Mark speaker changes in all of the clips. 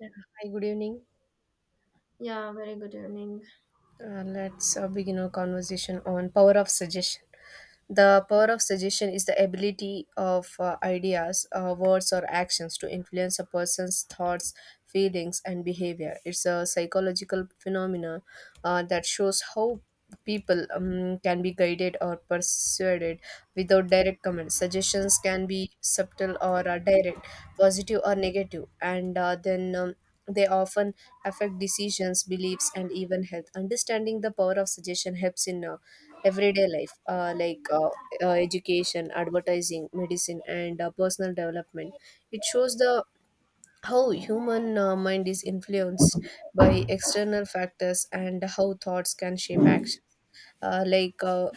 Speaker 1: Yeah. Hi, good evening.
Speaker 2: Yeah, very good evening.
Speaker 1: Let's begin our conversation on power of suggestion. The power of suggestion is the ability of ideas, words, or actions to influence a person's thoughts, feelings, and behavior. It's a psychological phenomenon that shows how people can be guided or persuaded without direct comments. Suggestions can be subtle or direct, positive or negative, and then they often affect decisions, beliefs, and even health. Understanding the power of suggestion helps in everyday life, like education, advertising, medicine, and personal development. It shows the how human mind is influenced by external factors and how thoughts can shape action. Uh, like uh,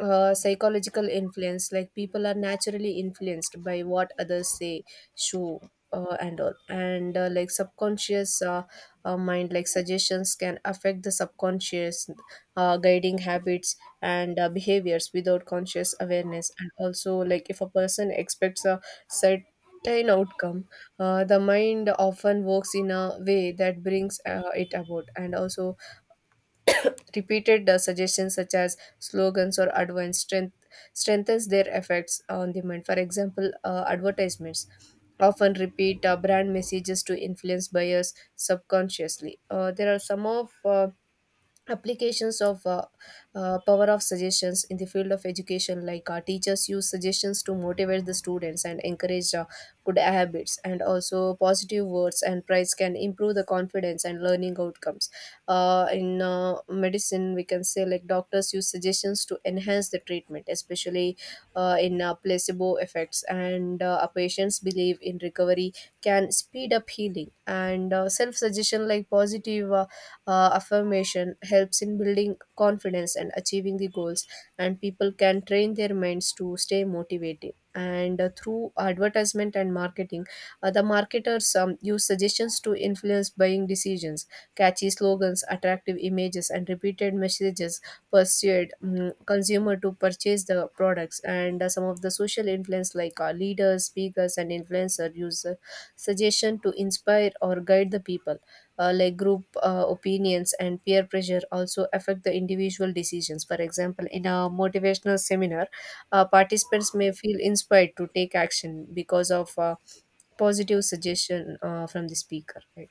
Speaker 1: Psychological influence, like people are naturally influenced by what others say, show, and all, and like subconscious mind, like suggestions can affect the subconscious, guiding habits and behaviors without conscious awareness. And also, like, if a person expects a certain outcome, the mind often works in a way that brings it about. And also repeated suggestions such as slogans or advice strengthens their effects on the mind. For example, advertisements often repeat brand messages to influence buyers subconsciously. There are some of applications of power of suggestions in the field of education, like teachers use suggestions to motivate the students and encourage good habits. And also, positive words and praise can improve the confidence and learning outcomes. In medicine, we can say, like, doctors use suggestions to enhance the treatment, especially in placebo effects. And a patient's belief in recovery can speed up healing. And self suggestion, like positive affirmation helps in building confidence and achieving the goals, and people can train their minds to stay motivated. And through advertisement and marketing, the marketers use suggestions to influence buying decisions. Catchy slogans, attractive images, and repeated messages persuade consumer to purchase the products. And some of the social influence, like leaders, speakers, and influencers use suggestion to inspire or guide the people. Like group opinions and peer pressure also affect the individual decisions. For example, in a motivational seminar, participants may feel inspired to take action because of positive suggestion from the speaker, right?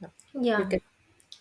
Speaker 1: Yeah. You
Speaker 2: Yeah,
Speaker 1: can.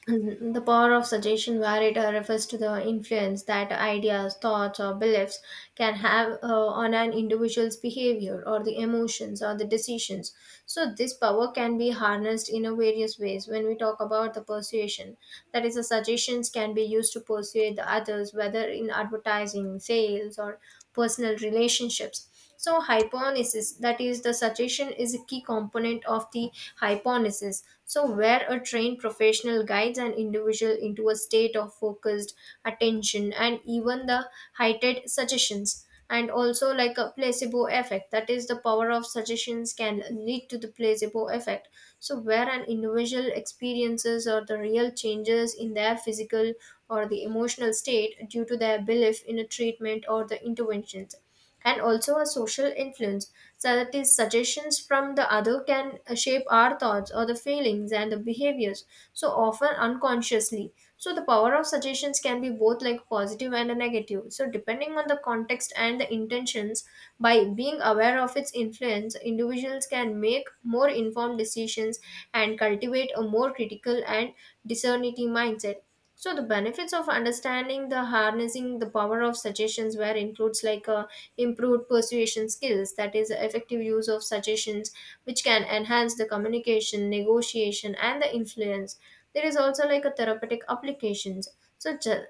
Speaker 2: and the power of suggestion, where it refers to the influence that ideas, thoughts, or beliefs can have on an individual's behavior or the emotions or the decisions. So this power can be harnessed in a various ways. When we talk about the persuasion, that is, the suggestions can be used to persuade the others, whether in advertising, sales, or personal relationships. So hyponesis, that is the suggestion is a key component of the hyponesis. So where a trained professional guides an individual into a state of focused attention and even the heightened suggestions, and also like a placebo effect, that is the power of suggestions can lead to the placebo effect, so where an individual experiences or the real changes in their physical or the emotional state due to their belief in a treatment or the interventions, and also a social influence. So that is suggestions from the other can shape our thoughts or the feelings and the behaviors. So often unconsciously. So the power of suggestions can be both like positive and a negative. So depending on the context and the intentions, by being aware of its influence, individuals can make more informed decisions and cultivate a more critical and discerning mindset. So the benefits of understanding the harnessing the power of suggestions where includes like improved persuasion skills, that is effective use of suggestions which can enhance the communication, negotiation, and the influence. There is also like a therapeutic applications, such as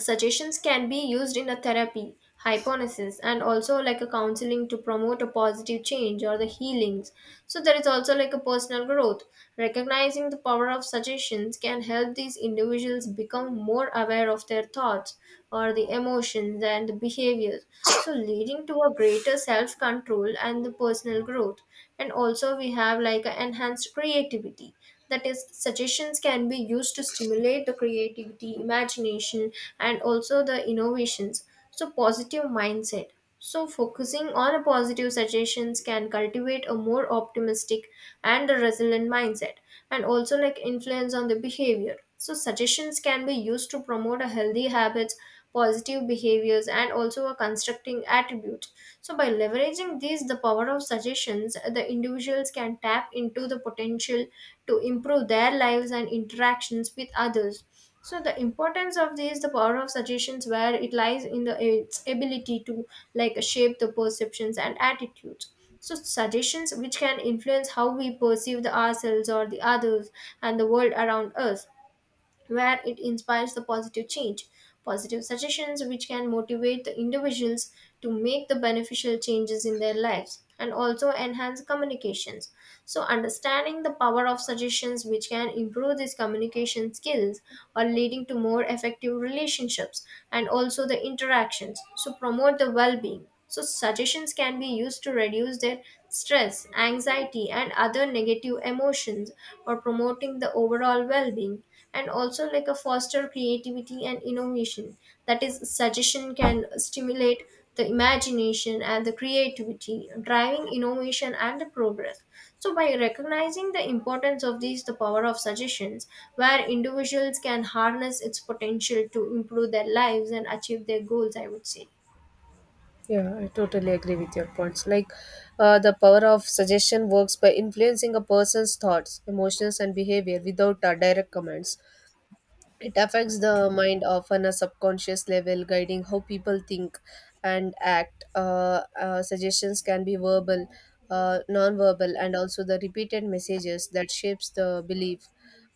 Speaker 2: suggestions can be used in a therapy, hypnosis, and also like a counseling to promote a positive change or the healings. So there is also like a personal growth. Recognizing the power of suggestions can help these individuals become more aware of their thoughts or the emotions and the behaviors, so leading to a greater self control and the personal growth. And also we have like a enhanced creativity, that is suggestions can be used to stimulate the creativity, imagination, and also the innovations. So positive mindset, so focusing on a positive suggestions can cultivate a more optimistic and a resilient mindset. And also like influence on the behavior, so suggestions can be used to promote a healthy habits, positive behaviors, and also a constructing attribute. So by leveraging these the power of suggestions, the individuals can tap into the potential to improve their lives and interactions with others. So the importance of this the power of suggestions, where it lies in the its ability to like shape the perceptions and attitudes. So suggestions which can influence how we perceive the ourselves or the others and the world around us, where it inspires the positive change. Positive suggestions which can motivate the individuals to make the beneficial changes in their lives, and also enhance communications. So understanding the power of suggestions which can improve these communication skills are leading to more effective relationships and also the interactions. So promote the well being. So suggestions can be used to reduce their stress, anxiety, and other negative emotions, or promoting the overall well being. And also like a foster creativity and innovation. That is, suggestion can stimulate the imagination and the creativity, driving innovation and the progress. So by recognizing the importance of these, the power of suggestions, where individuals can harness its potential to improve their lives and achieve their goals, I would say.
Speaker 1: Yeah, I totally agree with your points. Like, the power of suggestion works by influencing a person's thoughts, emotions, and behavior without direct commands. It affects the mind often a subconscious level, guiding how people think and act. Suggestions can be verbal, non-verbal, and also the repeated messages that shapes the belief.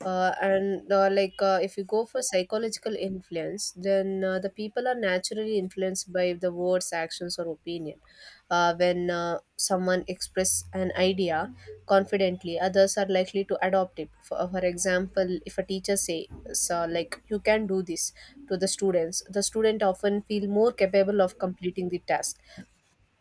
Speaker 1: And like If you go for psychological influence, then the people are naturally influenced by the words, actions, or opinion. When someone express an idea confidently, others are likely to adopt it. For example, if a teacher say, so like you can do this, to the students, the student often feel more capable of completing the task.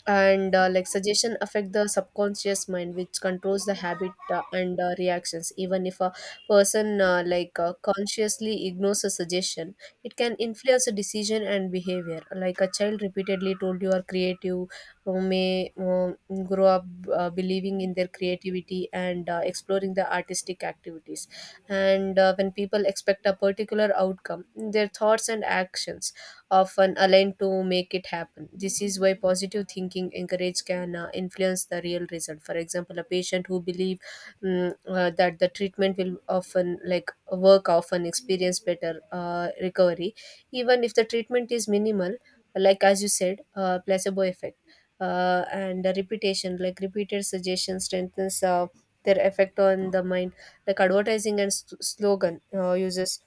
Speaker 1: And like suggestion affect the subconscious mind, which controls the habit and reactions, even if a person consciously ignores a suggestion, it can influence a decision and behavior. Like a child repeatedly told you are creative, who may grow up believing in their creativity and exploring the artistic activities. And when people expect a particular outcome, their thoughts and actions often aligned to make it happen. This is why positive thinking encourage can influence the real result. For example, a patient who believe that the treatment will often like work often experience better recovery, even if the treatment is minimal. Like as you said, placebo effect. And the repetition, like repeated suggestion strengthens their effect on the mind. Like advertising and slogan uses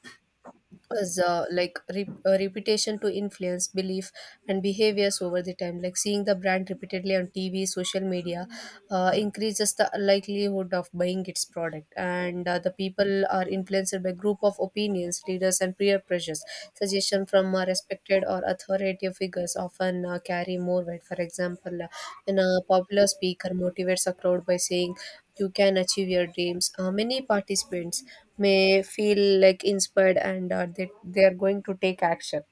Speaker 1: as a reputation to influence belief and behaviors over the time, like seeing the brand repeatedly on TV, social media increases the likelihood of buying its product. And the people are influenced by group of opinions, leaders, and peer pressures. Suggestion from respected or authoritative figures often carry more weight. For example, when a popular speaker motivates a crowd by saying you can achieve your dreams, many participants may feel like inspired, and they are going to take action.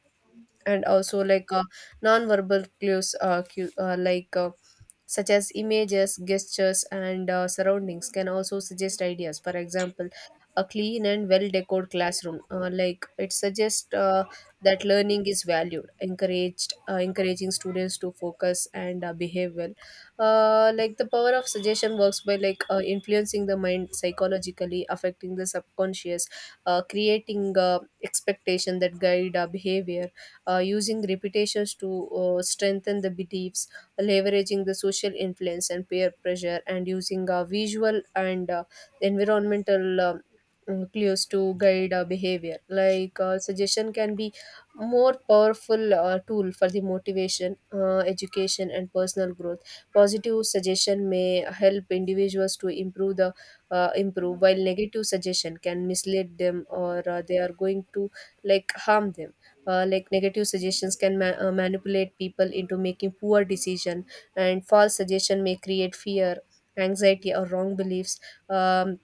Speaker 1: And also, like non-verbal clues, such as images, gestures, and surroundings can also suggest ideas. For example, a clean and well decorated classroom, like it suggests that learning is valued, encouraged, encouraging students to focus and behave well. Like the power of suggestion works by like influencing the mind psychologically, affecting the subconscious, creating expectation that guide our behavior, using repetitions to strengthen the beliefs, leveraging the social influence and peer pressure, and using visual and environmental clues to guide our behavior. Like suggestion can be more powerful tool for the motivation, education, and personal growth. Positive suggestion may help individuals to improve the improve, while negative suggestion can mislead them, or they are going to like harm them. Like negative suggestions can manipulate people into making poor decision, and false suggestion may create fear, anxiety, or wrong beliefs, um,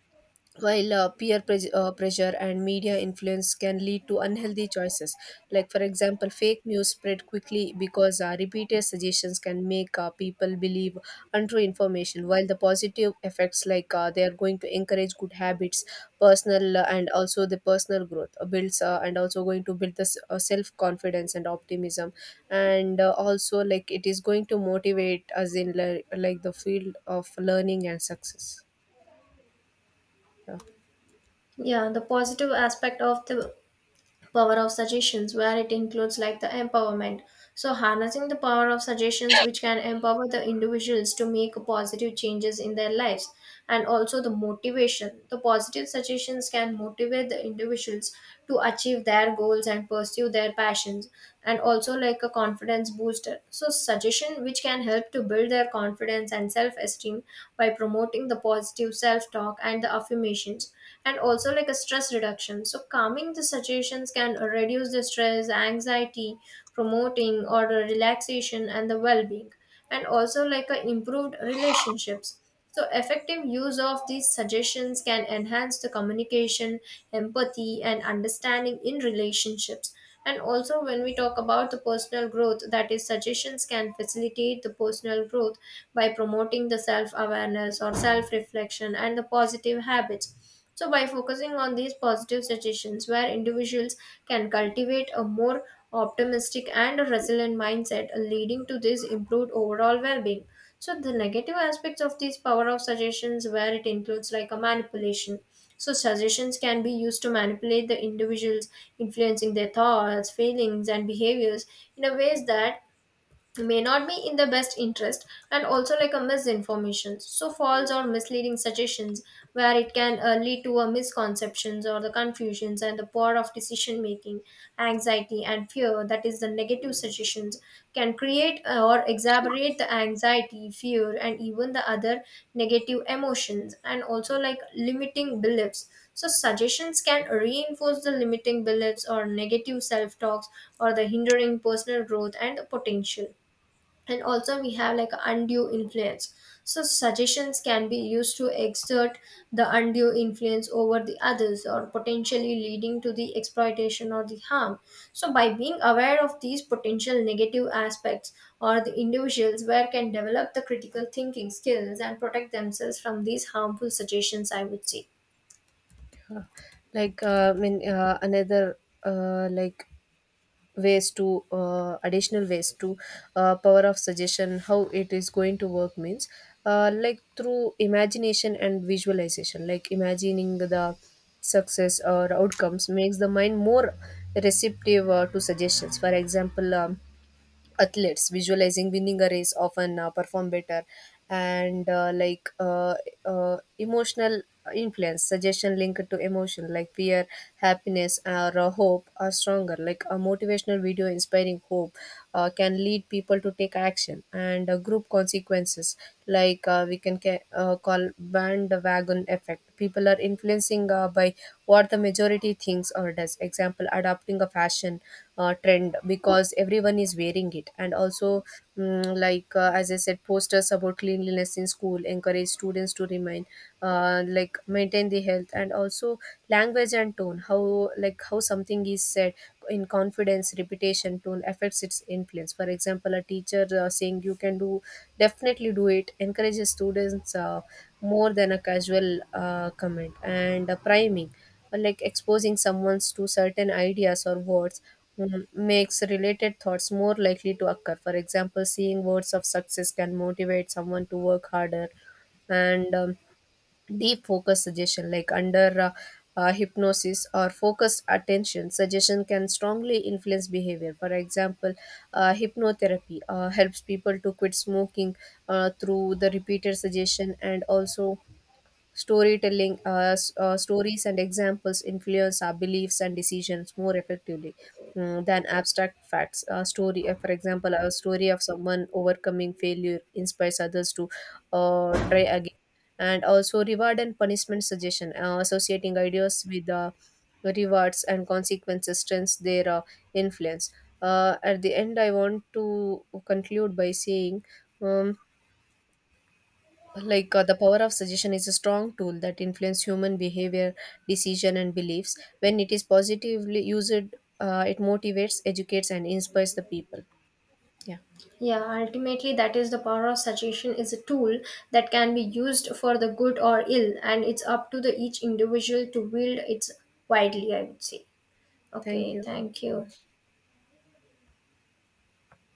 Speaker 1: while peer pressure and media influence can lead to unhealthy choices. Like, for example, fake news spread quickly because repeated suggestions can make people believe untrue information. While the positive effects, like they are going to encourage good habits, personal and also the personal growth builds and also going to build this self confidence and optimism. And also, like, it is going to motivate us in like the field of learning and success. Yeah.
Speaker 2: Yeah, the positive aspect of the power of suggestions, where it includes like the empowerment. So harnessing the power of suggestions, which can empower the individuals to make positive changes in their lives, and also the motivation. The positive suggestions can motivate the individuals to achieve their goals and pursue their passions, and also like a confidence booster. So suggestion which can help to build their confidence and self-esteem by promoting the positive self-talk and the affirmations, and also like a stress reduction. So calming the suggestions can reduce the stress, anxiety, promoting or relaxation and the well-being, and also like a improved relationships. So effective use of these suggestions can enhance the communication, empathy, and understanding in relationships. And also, when we talk about the personal growth, that is, suggestions can facilitate the personal growth by promoting the self awareness or self reflection and the positive habits. So by focusing on these positive suggestions, where individuals can cultivate a more optimistic and a resilient mindset, leading to this improved overall well being. So the negative aspects of these power of suggestions, where it includes like a manipulation. So suggestions can be used to manipulate the individuals, influencing their thoughts, feelings, and behaviors in a ways that may not be in the best interest, and also like a misinformation. So false or misleading suggestions where it can lead to a misconceptions or the confusions and the poor of decision making. Anxiety and fear, that is the negative suggestions can create or exacerbate the anxiety, fear, and even the other negative emotions. And also like limiting beliefs, so suggestions can reinforce the limiting beliefs or negative self talks or the hindering personal growth and potential. And also we have like undue influence, so suggestions can be used to exert the undue influence over the others, or potentially leading to the exploitation or the harm. So by being aware of these potential negative aspects, or the individuals where can develop the critical thinking skills and protect themselves from these harmful suggestions, I would say.
Speaker 1: Uh, like I mean, another like ways to Additional ways to power of suggestion, how it is going to work means, like through imagination and visualization, like imagining the success or outcomes makes the mind more receptive to suggestions. For example, athletes visualizing winning a race often perform better. And emotional influence, suggestion linked to emotion like fear, happiness, or hope are stronger. Like a motivational video inspiring hope can lead people to take action. And group consequences, like we can call bandwagon effect, people are influencing by what the majority thinks or does. Example, adopting a fashion trend because everyone is wearing it. And also, as I said, posters about cleanliness in school encourage students to remain like maintain the health. And also language and tone, how, like how something is said in confidence, repetition, tone affects its influence. For example, a teacher saying you can do definitely do it encourages students more than a casual comment. And priming, like exposing someone to certain ideas or words makes related thoughts more likely to occur. For example, seeing words of success can motivate someone to work harder. And deep focus suggestion, like under hypnosis or focused attention, suggestion can strongly influence behavior. For example, hypnotherapy helps people to quit smoking through the repeated suggestion. And also storytelling, stories and examples influence our beliefs and decisions more effectively than abstract facts. A story, for example, a story of someone overcoming failure inspires others to try again. And also, reward and punishment suggestion, associating ideas with rewards and consequences strengthens their influence. At the end, I want to conclude by saying, Um, the power of suggestion is a strong tool that influences human behavior, decision, and beliefs. When it is positively used, it motivates, educates, and inspires the people. Yeah,
Speaker 2: Yeah, ultimately, that is the power of suggestion is a tool that can be used for the good or ill, and it's up to the each individual to wield it widely, I would say.
Speaker 1: thank
Speaker 2: Okay,
Speaker 1: you.
Speaker 2: thank you.